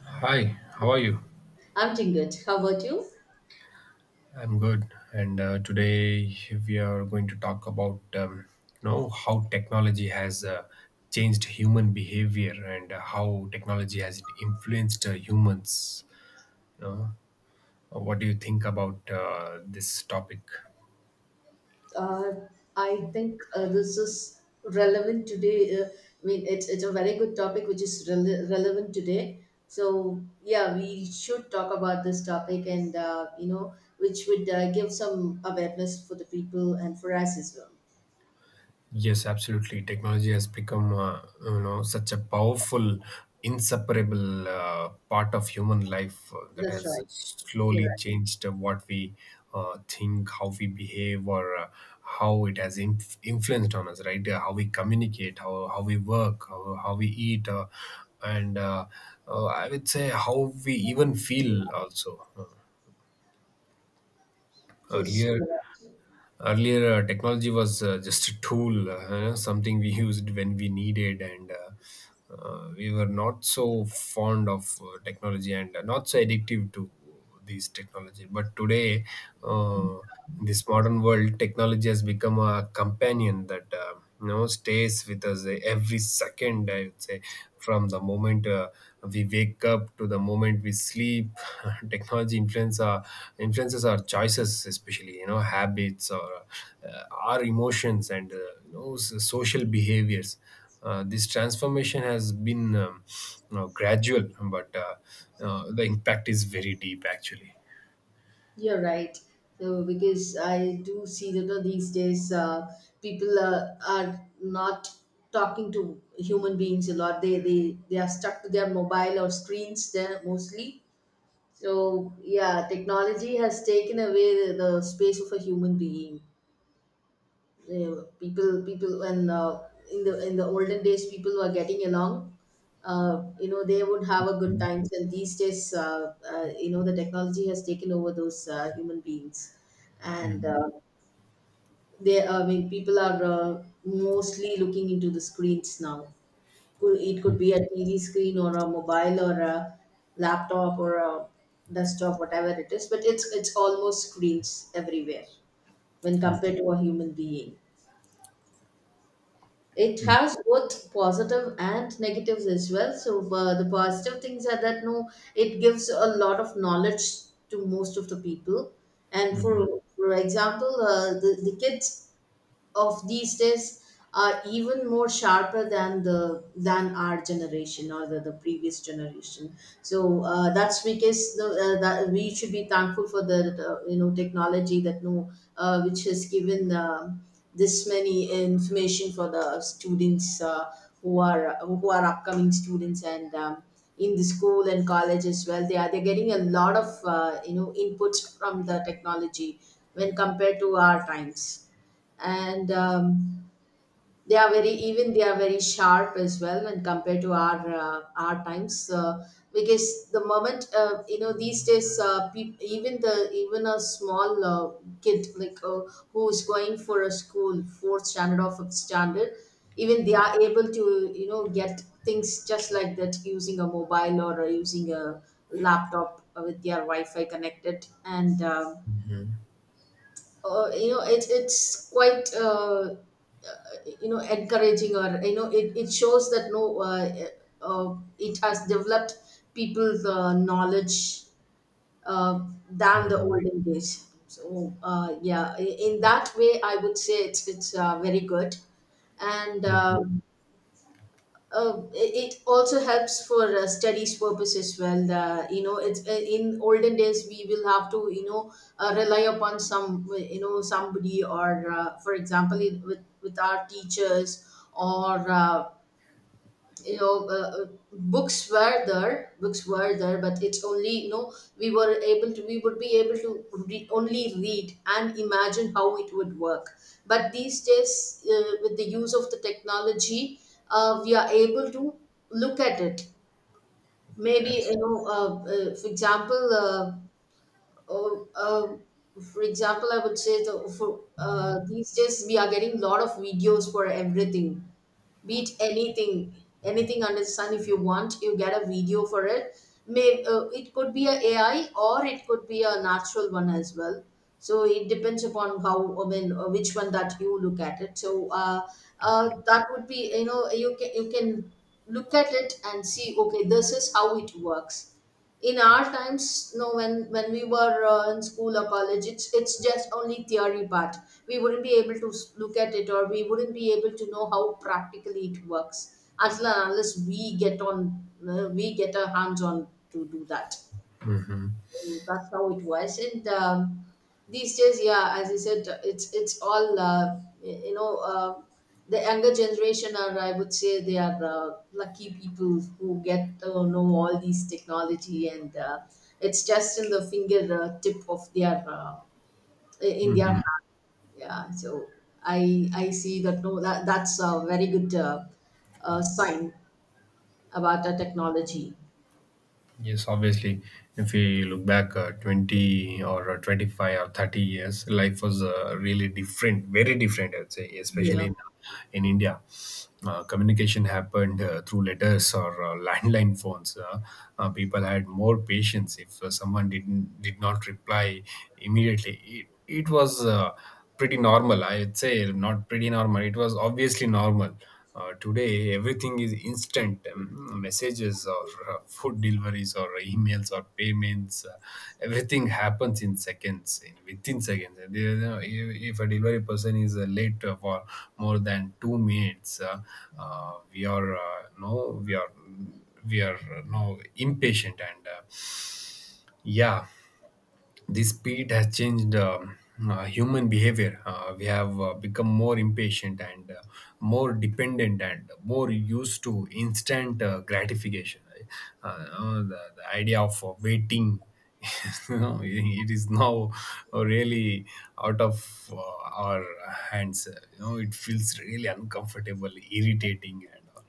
Hi, how are you? I'm doing good. How about you? I'm good, and today we are going to talk about how technology has changed human behavior and how technology has influenced humans. You know, what do you think about this topic? Uh, I think this is relevant today. I mean, it's a very good topic which is relevant today. So yeah, we should talk about this topic, and you know, which would give some awareness for the people and for us as well. Yes, absolutely. Technology has become, such a powerful, inseparable part of human life that That's has right. You're slowly right. changed what we think, how we behave, or how it has influenced on us. Right? How we communicate, how we work, how we eat, and I would say how we even feel also. Yes, earlier you're right. earlier, technology was just a tool, something we used when we needed, and we were not so fond of technology and not so addictive to these technology. But today, uh, in this modern world, technology has become a companion that, stays with us every second, I would say, from the moment we wake up to the moment we sleep. Technology influences our choices, especially habits, or our emotions, and social behaviors. This transformation has been gradual, but the impact is very deep, actually. You're right. So because I do see that these days people are not talking to human beings a lot. They are stuck to their mobile or screens there mostly. So yeah, technology has taken away the space of a human being. People when in the olden days people were getting along. uh, you know, they would have a good times, and these days you know, the technology has taken over those human beings. And they, I mean people are mostly looking into the screens now. It could be a TV screen or a mobile or a laptop or a desktop, whatever it is, but it's almost screens everywhere when compared to a human being. It has both positive and negatives as well. So the positive things are that no, it gives a lot of knowledge to most of the people. And for example, the kids of these days are even more sharper than the, than our generation or the previous generation. So that's because the, that we should be thankful for the you know technology that no, which has given um, this many information for the students who are upcoming students. And in the school and college as well, they are, they're getting a lot of you know, inputs from the technology when compared to our times. And they are very, even they are very sharp as well when compared to our times. Because the moment you know, these days peop even the, even a small kid who's going for a school fourth standard or fifth standard, even they are able to you know, get things just like that using a mobile or using a laptop with their Wi-Fi connected. And you know, it, it's quite uh, you know, encouraging, or you know, it shows that no it has developed people's knowledge uh, than the Mhm. olden days. So yeah, in that way I would say it's very good. And it also helps for studies purpose as well. The, you know, it's in olden days we will have to you know, rely upon some you know, somebody, or for example in, with our teachers, or you know books were there, but it's only you know, we were able to, we would be able to only read and imagine how it would work. But these days with the use of the technology, we are able to look at it, maybe Yes. you know uh, uh, for example I would say the, for, these days we are getting a lot of videos for everything, beat anything, anything under the sun. If you want, you get a video for it. May it could be a AI or it could be a natural one as well. So it depends upon how, I mean which one that you look at it. So that would be you know, you can, you can look at it and see, okay, this is how it works. In our times no, when we were in school or college, it's just only theory part. We wouldn't be able to look at it, or we wouldn't be able to know how practically it works until and unless we get on we get our hands on to do that. That's how it was. And these days yeah, as I said, it's all you know the younger generation are, I would say they are lucky people who get to know all these technology. And it's just in the finger tip of their in their hand. Yeah, so I see that no, that that's a very good sign about the technology. Yes, obviously, if we look back 20 or 25 or 30 years, life was really different, very different, I would say, especially Yeah. in India. Communication happened through letters or landline phones. People had more patience. If someone did not reply immediately, it was pretty normal, I'd say. Not pretty normal, it was obviously normal. Today everything is instant — messages or food deliveries or emails or payments. Everything happens in seconds, in within seconds. And, if a delivery person is late for more than 2 minutes, we are no, we are now impatient, and yeah, this speed has changed human behavior. We have become more impatient and more dependent and more used to instant gratification. The idea of waiting, it is now really out of our hands. It feels really uncomfortable, irritating, and all.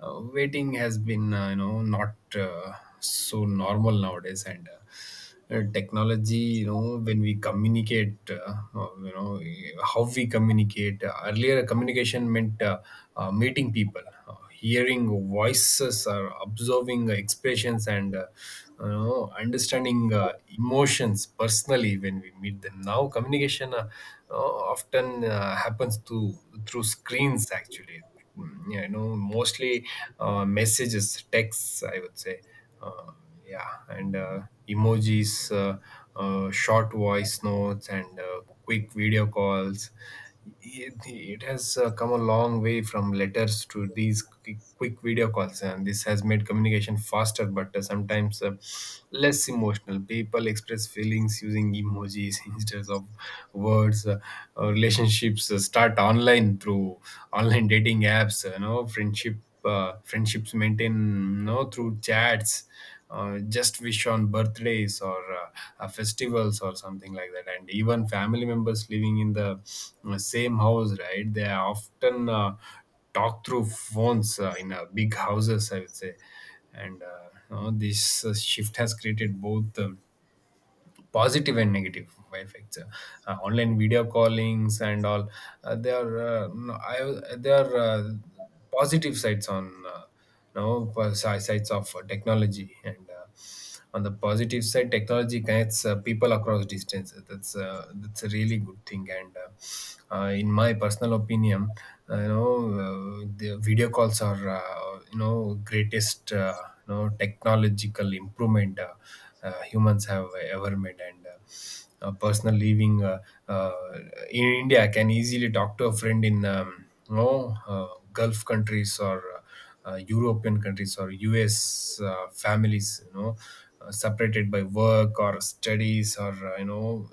Waiting has been, not so normal nowadays. And technology, when we communicate, how we communicate — earlier, communication meant meeting people, hearing voices, or observing expressions, and understanding emotions personally when we meet them. Now communication uh, often happens to through screens, actually. Mostly messages, texts, I would say, uh, yeah, and emojis, uh, short voice notes, and quick video calls. It has come a long way from letters to these quick, quick video calls, and this has made communication faster, but sometimes less emotional. People express feelings using emojis instead of words nowadays. Relationships start online through online dating apps. Friendships maintain through chats, just wish on birthdays or festivals or something like that. And even family members living in the same house, right, they are often talk through phones, in big houses, I would say. And this shift has created both positive and negative effects. Online video callings and all, they are, no, I, they are, positive sides on, no, sides of technology. And on the positive side, technology connects people across distance. That's a really good thing. And in my personal opinion, the video calls are, greatest, technological improvement humans have ever made. And personal living uh, in India can easily talk to a friend in, Gulf countries, or European countries, or US families, you know, separated by work or studies, or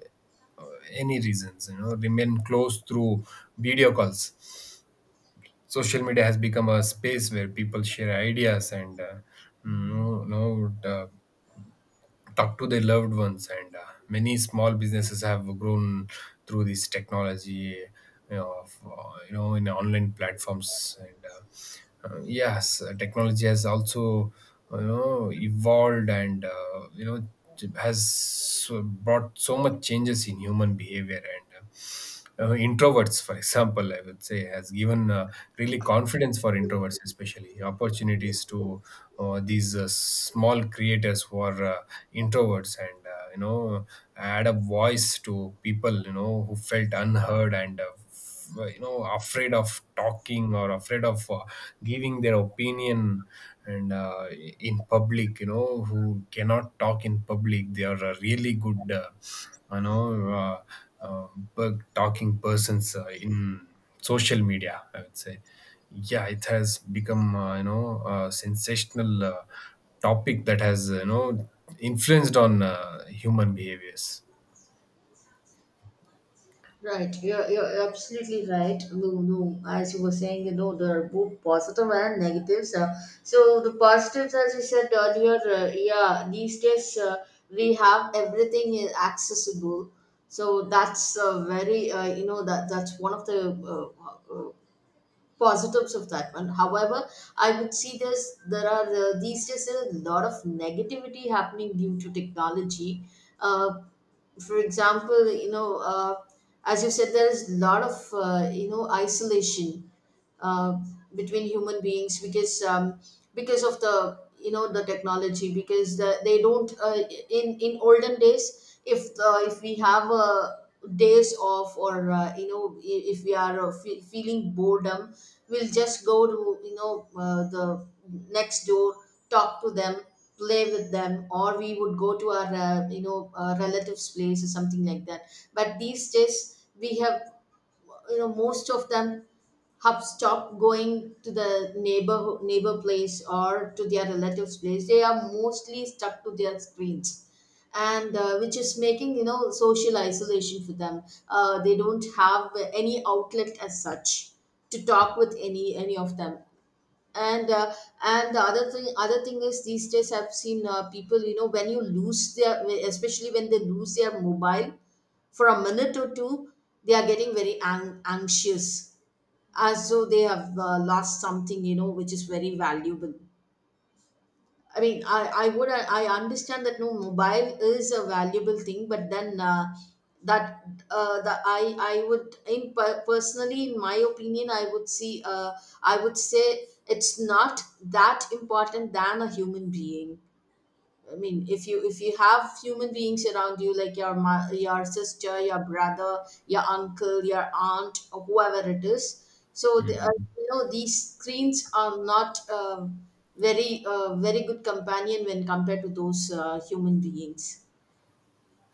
uh, any reasons, remain close through video calls. Social media has become a space where people share ideas and, mm, you know, uh, talk to their loved ones, and many small businesses have grown through this technology, you know, of, you know in online platforms. And yes, technology has also evolved, and has brought so much changes in human behavior. And introverts, for example, I would say, has given really confidence for introverts, especially opportunities to these small creators who are introverts, and add a voice to people who felt unheard and afraid of talking, or afraid of giving their opinion, and in public, who cannot talk in public. They are really good, you know uh, uh, bug talking persons in social media, I would say. Yeah, it has become a sensational topic that has influenced on human behaviors. Right, you're absolutely right. No, no, as you were saying, you know, there are both positive and negatives. So, the positives, as you said earlier, yeah, these days we have, everything is accessible. So, that's very, you know, that that's one of the positives of that one. However, I would see this, there are these days a lot of negativity happening due to technology. Uh, for example, you know, as you said, there is a lot of you know isolation uh, between human beings because of the you know the technology, because the, they don't in olden days, if the, if we have a days off, or you know if we are feeling boredom, we'll just go to you know the next door, talk to them, play with them, or we would go to our you know relatives place or something like that. But these days we have you know most of them hub stop going to the neighbor place or to their relatives place. They are mostly stuck to their screens. And which is making you know social isolation for them. They don't have any outlet as such to talk with any of them. And the other thing is these days I've seen people you know, when you lose their, especially when they lose their mobile for a minute or two, they are getting very anxious, as though they have lost something you know, which is very valuable. I mean, I would, I understand that no, mobile is a valuable thing, but then that the, I would in personally in my opinion I would see I would say it's not that important than a human being. I mean, if you, if you have human beings around you, like your your sister, your brother, your uncle, your aunt, or whoever it is, so the, you know these screens are not very very good companion when compared to those human beings.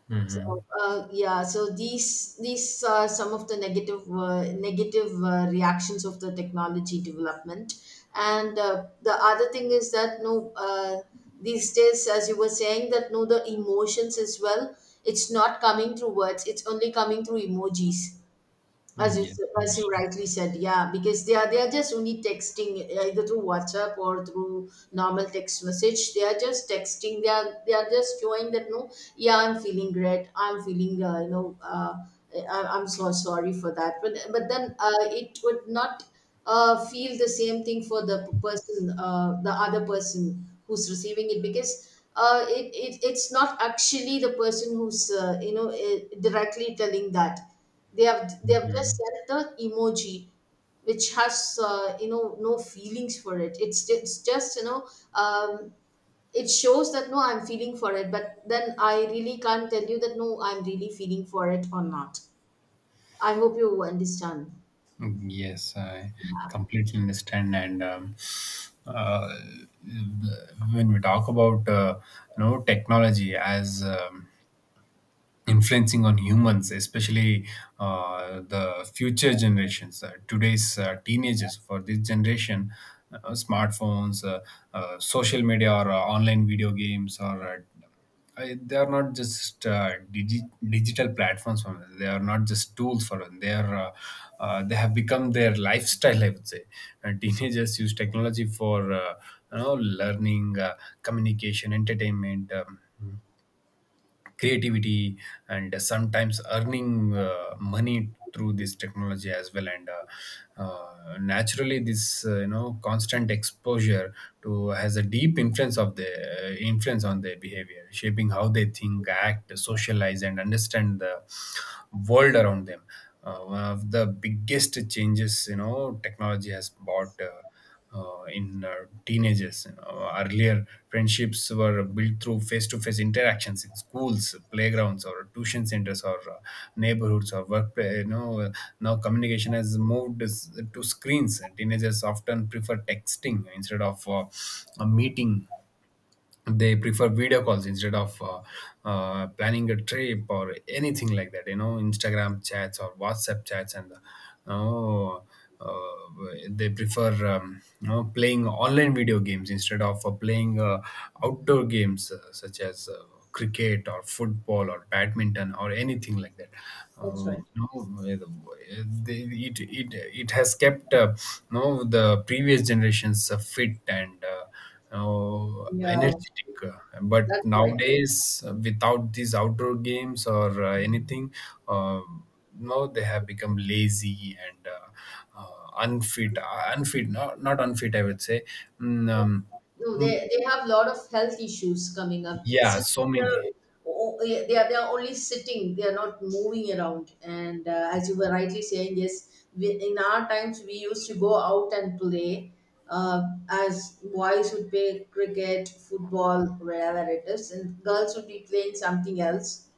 Hmm. So yeah, so these are some of the negative negative reactions of the technology development. And the other thing is that no, these days as you were saying that no, the emotions as well, it's not coming through words, it's only coming through emojis. As you Yes, as you obviously. rightly said, yeah, because they are just only texting, either through WhatsApp or through normal text message. They are just texting. They are, they are just showing that no, yeah, I'm feeling great. I'm feeling you know I, I'm so sorry for that. But then it would not feel the same thing for the person, the other person who's receiving it, because it, it, it's not actually the person who's you know directly telling that. They have, they have just sent the emoji, which has you know no feelings for it. It's just you know um, it shows that no, I'm feeling for it, but then I really can't tell you that no, I'm really feeling for it or not. I hope you understand. Mm. Yes, I completely understand. And uh, when we talk about technology as, influencing on humans, especially the future generations, today's teenagers. For this generation, smartphones, social media, or online video games, or they are not just digital platforms for them. They are not just tools for them. They have become their lifestyle, I would say. And teenagers use technology for learning, communication, entertainment, creativity, and sometimes earning money through this technology as well. And naturally, this constant exposure to has a deep influence on their behavior, shaping how they think, act, socialize, and understand the world around them. One of the biggest changes technology has brought in teenagers. Earlier, friendships were built through face-to-face interactions in schools, playgrounds, or tuition centers, or neighborhoods, or workplace. Now communication has moved to screens. Teenagers often prefer texting instead of a meeting. They prefer video calls instead of planning a trip or anything like that, Instagram chats or WhatsApp chats. And oh, uh, they prefer, playing online video games instead of playing outdoor games, such as cricket or football or badminton or anything like that. That's right. No, they, it has kept, no, the previous generations fit and Yeah, energetic. But that's right. nowadays, without these outdoor games or anything, uh, no, they have become lazy and unfit. Unfit, not unfit, I would say. Mm. No, they mm, they have a lot of health issues coming up, yeah, since so many. the they are, they are only sitting, they are not moving around. And as you were rightly saying, yes, we, in our times we used to go out and play. Uh, as boys would play cricket, football, wherever it is, and girls would be playing something else.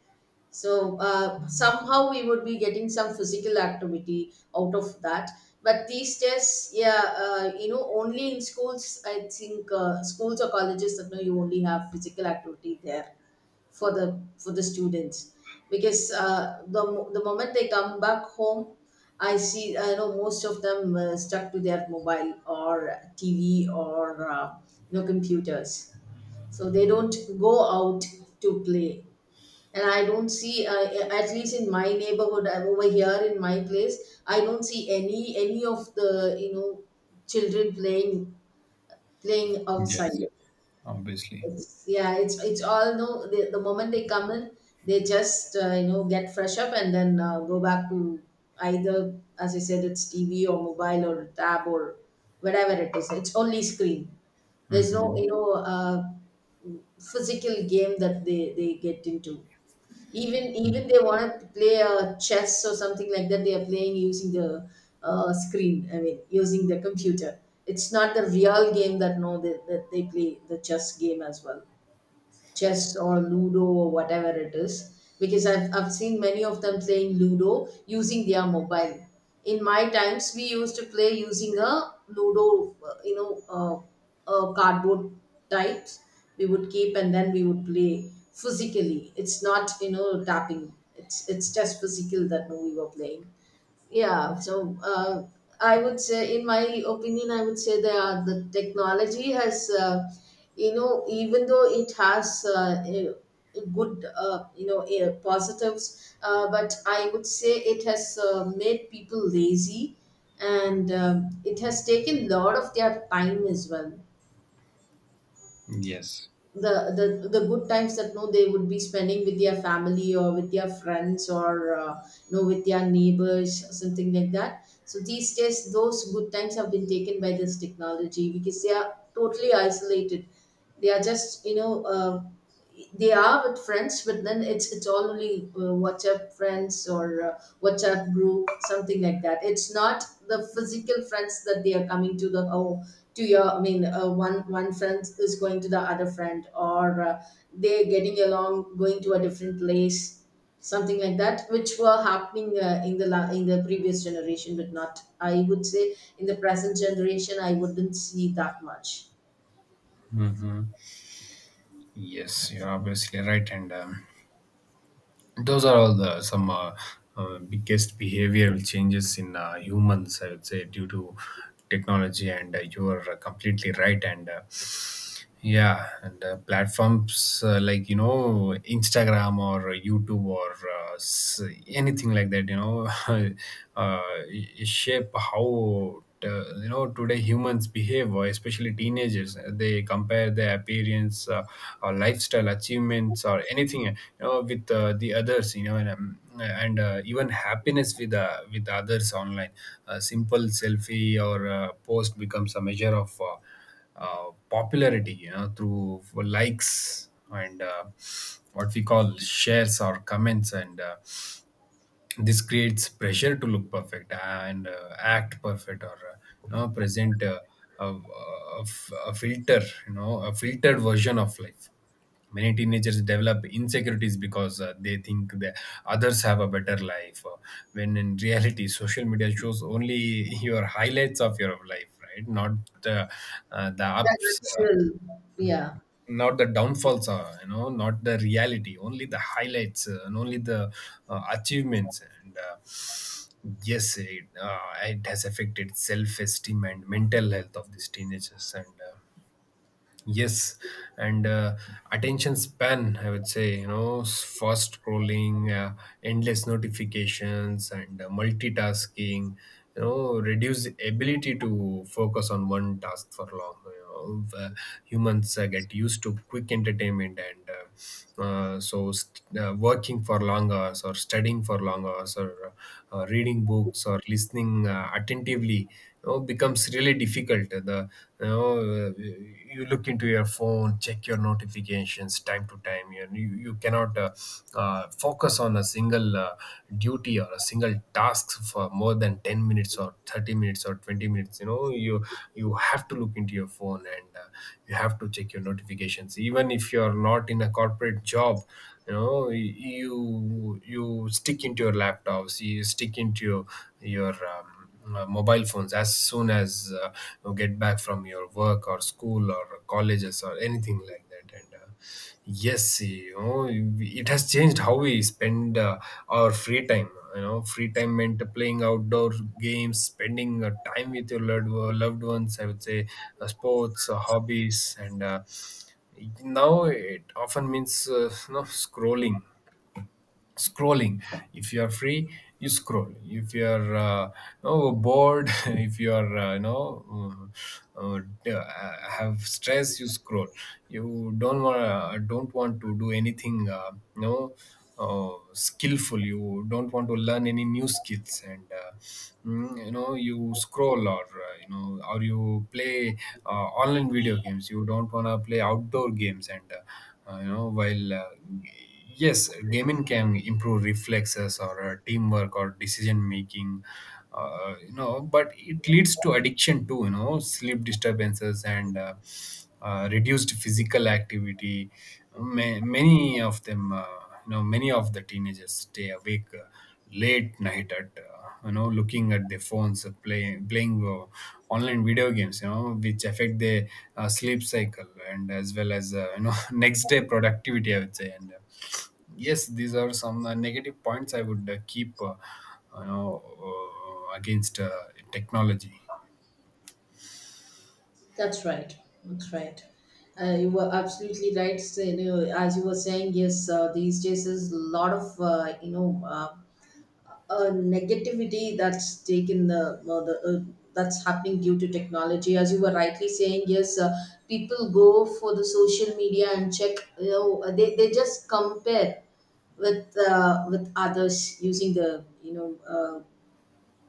So somehow we would be getting some physical activity out of that. But these tests, yeah, only in schools, I think schools or colleges that know you only have physical activity there for the students because the moment they come back home, I know most of them stuck to their mobile or TV or you know computers, so they don't go out to play. And I don't see at least in my neighborhood, I'm over here in my place, I don't see any of the children playing outside. Yes, obviously. It's, yeah it's it's all no, the moment they come in, they just get fresh up and then go back to either, as I said, it's TV or mobile or tab or whatever it is, it's only screen. There's no Hmm. you know uh, physical game that they get into. Even they want to play chess or something like that, they are playing using the screen. I mean, using the computer. It's not the real game that no that they play the chess game as well, chess or ludo or whatever it is, because I've seen many of them playing ludo using their mobile. In my times we used to play using a ludo, a cardboard types we would keep, and then we would play physically. It's not you know tapping, it's just physical that we were playing. Yeah, so I would say, in my opinion, I would say that the technology has, even though it has a good, a positives, but I would say it has made people lazy, and it has taken a lot of their time as well. Yes. The good times that no they would be spending with their family or with their friends or you know with their neighbors or something like that, so these days those good times have been taken by this technology because they are totally isolated. They are just they are with friends, but then it's all only WhatsApp friends or WhatsApp group, something like that. It's not the physical friends that they are coming to the oh to your, I mean one friend is going to the other friend or they're getting along going to a different place, something like that, which were happening in the previous generation, but not, I would say, in the present generation, I wouldn't see that much. Hmm. Yes, you're obviously right. And those are all the some biggest behavioral changes in humans, I would say, due to technology, and you are completely right. And yeah, and platforms like, Instagram or YouTube or anything like that, uh, shape how, today humans behave, or especially teenagers. They compare their appearance, or lifestyle, achievements, or anything, with the others, and, even happiness with, with others online. A simple selfie or post becomes a measure of popularity, through likes and what we call shares or comments. And this creates pressure to look perfect and act perfect, or present a filter, a filtered version of life. Many teenagers develop insecurities because they think that others have a better life, when in reality social media shows only your highlights of your life, right, not uh, the That ups, actual, yeah. not the downfalls, are, not the reality, only the highlights, and only the achievements. And yes, it has affected self-esteem and mental health of these teenagers. And yes, and attention span, I would say, fast scrolling, endless notifications, and multitasking, reduce ability to focus on one task for long. Uh, humans get used to quick entertainment, and working for long hours, or studying for long hours, or reading books, or listening attentively, becomes really difficult. You look into your phone, check your notifications time to time. You cannot focus on a single duty or a single task for more than 10 minutes or 30 minutes or 20 minutes. You know, you have to look into your phone and you have to check your notifications, even if you are not in a corporate job. You know, you stick into your laptops, you stick into your your um, mobile phones as soon as you get back from your work or school or colleges or anything like that. And Yes, you know, it has changed how we spend our free time. You know, free time meant playing outdoor games, spending time with your loved ones, I would say, sports, hobbies. And Now it often means, you know, scrolling. If you are free, you scroll. If you are oh, bored, if you are, uh, have stress, you scroll. You don't want, don't want to do anything. Skillful, you don't want to learn any new skills. You know, you scroll, or you know, or you play online video games. You don't want to play outdoor games. And you know while Yes, gaming can improve reflexes, or teamwork, or decision making, you know, but it leads to addiction too, you know, sleep disturbances and reduced physical activity. Many of them, you know, many of the teenagers stay awake late night, at you know, looking at their phones, play, playing online video games, you know, which affect their sleep cycle, and as well as, you know, next day productivity, I would say. And Yes, these are some negative points I would keep, you know, against technology. That's right. That's right. You were absolutely right. So, you know, as you were saying, yes, these days is a lot of negativity that's taken the, that's happening due to technology. As you were rightly saying, yes, people go for the social media and check. You know, they just compare with others using the you know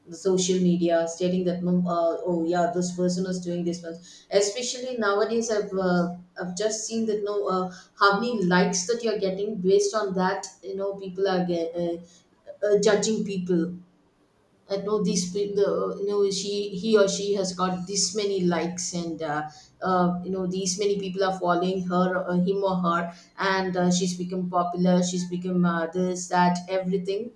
the social media stating that "Mum, oh yeah this person is doing this one, especially nowadays I've just seen that no how many likes that you're getting. Based on that, you know, people are judging people. I know these people, you know, she, he or she has got this many likes, and you know, these many people are following her, him or her, and she's become popular. She's become this, that, everything.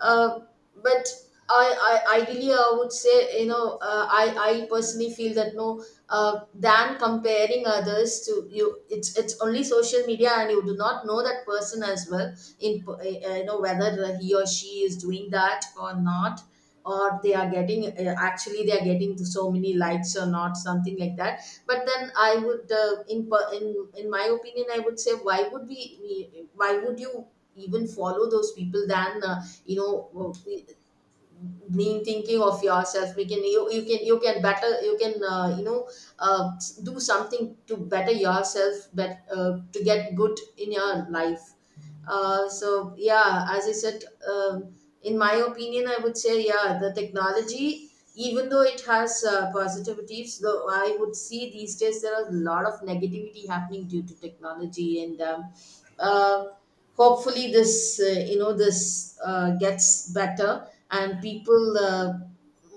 uh, but I ideally I would say, you know, I personally feel that no than comparing others to you, it's only social media and you do not know that person as well, you know, whether he or she is doing that or not, or they are getting actually they are getting so many likes or not, something like that. But then I would in my opinion I would say, why would we, why would you even follow those people than you know, well, we, mean thinking of yourself, we can, you can better, you can do something to better yourself, but to get good in your life. So yeah, as I said, um, in my opinion I would say, yeah, the technology, even though it has positivities, though, I would see these days there are a lot of negativity happening due to technology. And uh, hopefully this uh, you know this gets better, and people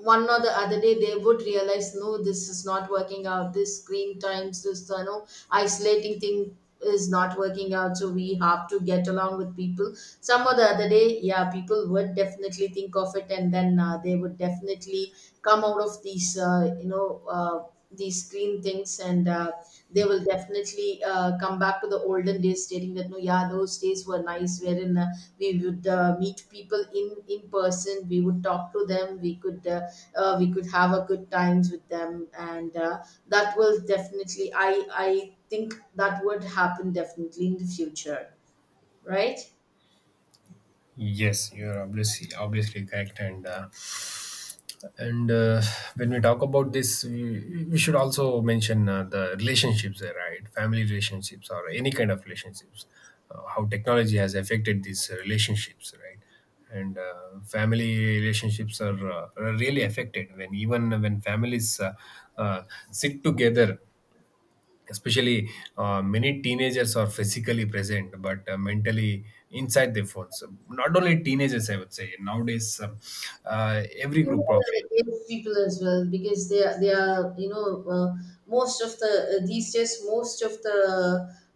one or the other day they would realize no, this is not working out, this screen times, this you know isolating thing is not working out, so we have to get along with people. Some or the other day, yeah, people would definitely think of it, and then they would definitely come out of these these screen things, and they will definitely come back to the olden days, stating that no yeah those days were nice, wherein we would meet people in person, we would talk to them, we could have a good times with them, and that will definitely, I think that would happen definitely in the future, right? Yes, you are obviously correct. And When we talk about this, we should also mention the relationships, right? Family relationships or any kind of relationships, how technology has affected these relationships, right? and Family relationships are really affected when, even when families uh, sit together, especially many teenagers are physically present but mentally inside their phones. So not only teenagers, I would say, nowadays, every You know, group of age. young people as well, because they are you know most of the these days, most of the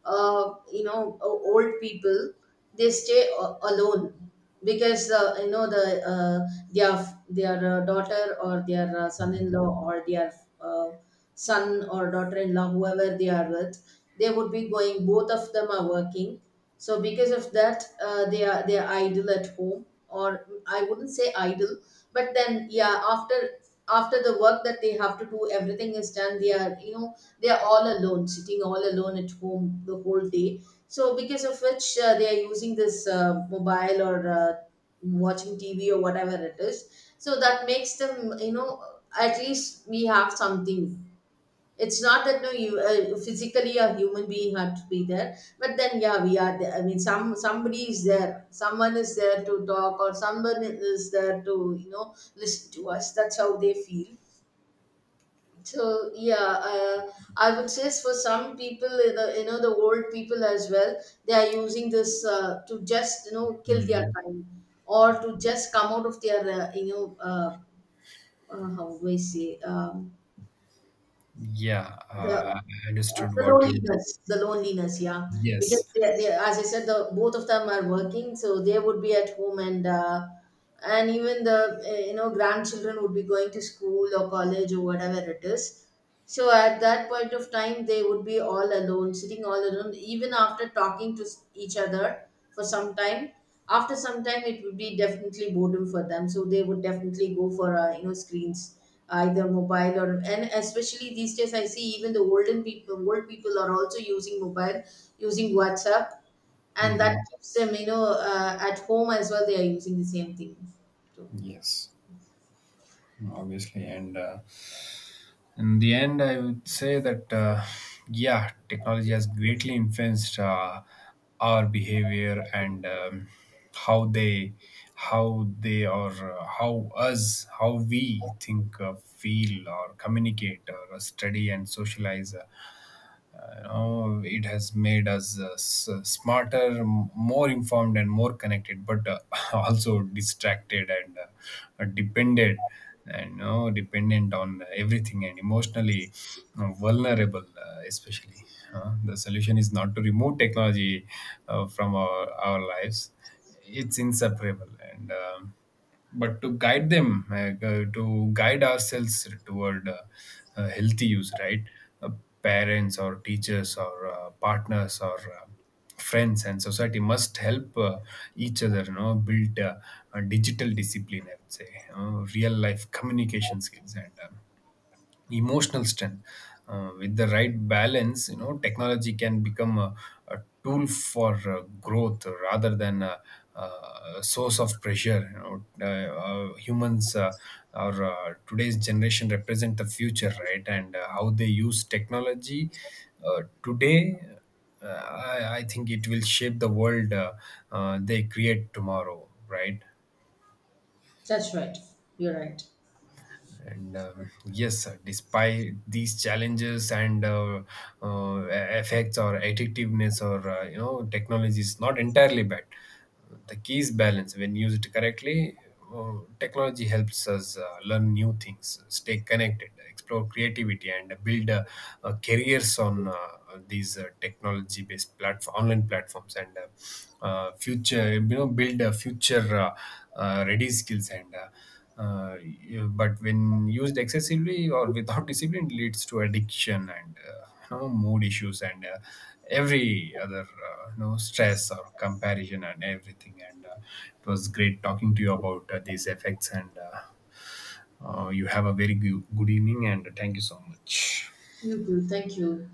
you know old people, they stay alone, because you know the their their daughter or their Mhm. son-in-law or their uh, son or daughter-in-law, whoever they are with, they would be going, both of them are working. So because of that they are idle at home, or I wouldn't say idle, but then yeah, after the work that they have to do, everything is done, they are you know, they are all alone, sitting all alone at home the whole day. So because of which they are using this mobile or watching TV or whatever it is, so that makes them you know, at least we have something. It's not that no you physically a human being had to be there, but then yeah we are there, I mean somebody is there, someone is there to talk, or someone is there to you know listen to us, that's how they feel. So yeah, uh, I would say for some people you know, you know, the old people as well, they are using this to just you know kill their Mhm. time, or to just come out of their how do I say. um, Yeah, The I understood what you— loneliness, the loneliness, yeah. Yes. Because as I said, the both of them are working, so they would be at home, and even the you know grandchildren would be going to school or college or whatever it is. So at that point of time, they would be all alone, sitting all alone, even after talking to each other for some time. After some time, it would be definitely boredom for them. So they would definitely go for you know screens, either mobile or, and especially these days, I see even the olden people, old people are also using mobile, using WhatsApp, and that Mhm. keeps them you know at home as well. They are using the same thing. So Yes, obviously. And In the end, I would say that, yeah, technology has greatly influenced our behavior. And how they how they or how us how we think, feel, or communicate, or study, and socialize, you know, it has made us, smarter, more informed, and more connected, but, also distracted and dependent, and, you know, dependent on everything, and emotionally vulnerable, especially. The solution is not to remove technology from our lives; it's inseparable. And. But to guide them, to guide ourselves toward healthy use, right? Uh, Parents or teachers or partners or friends and society must help each other, you know, build a digital discipline, I would say, you know, real life communication skills and emotional strength. With the right balance, you know, technology can become a tool for growth rather than a source of pressure. You know, humans, or today's generation represent the future, right? And how they use technology today, I think it will shape the world they create tomorrow, right? that's right. You're right. And yes, despite these challenges and effects or addictiveness, or you know, technology is not entirely bad. The key is balance. When used correctly, uh, technology helps us learn new things, stay connected, explore creativity, and build careers on these technology-based platform, online platforms, and, future, you know, build a future ready skills. But when used excessively or without discipline, it leads to addiction and, you know, mood issues and every other, you know, stress or comparison and everything. And It was great talking to you about these effects. And You have a very good evening, and thank you so much. You too. Thank you.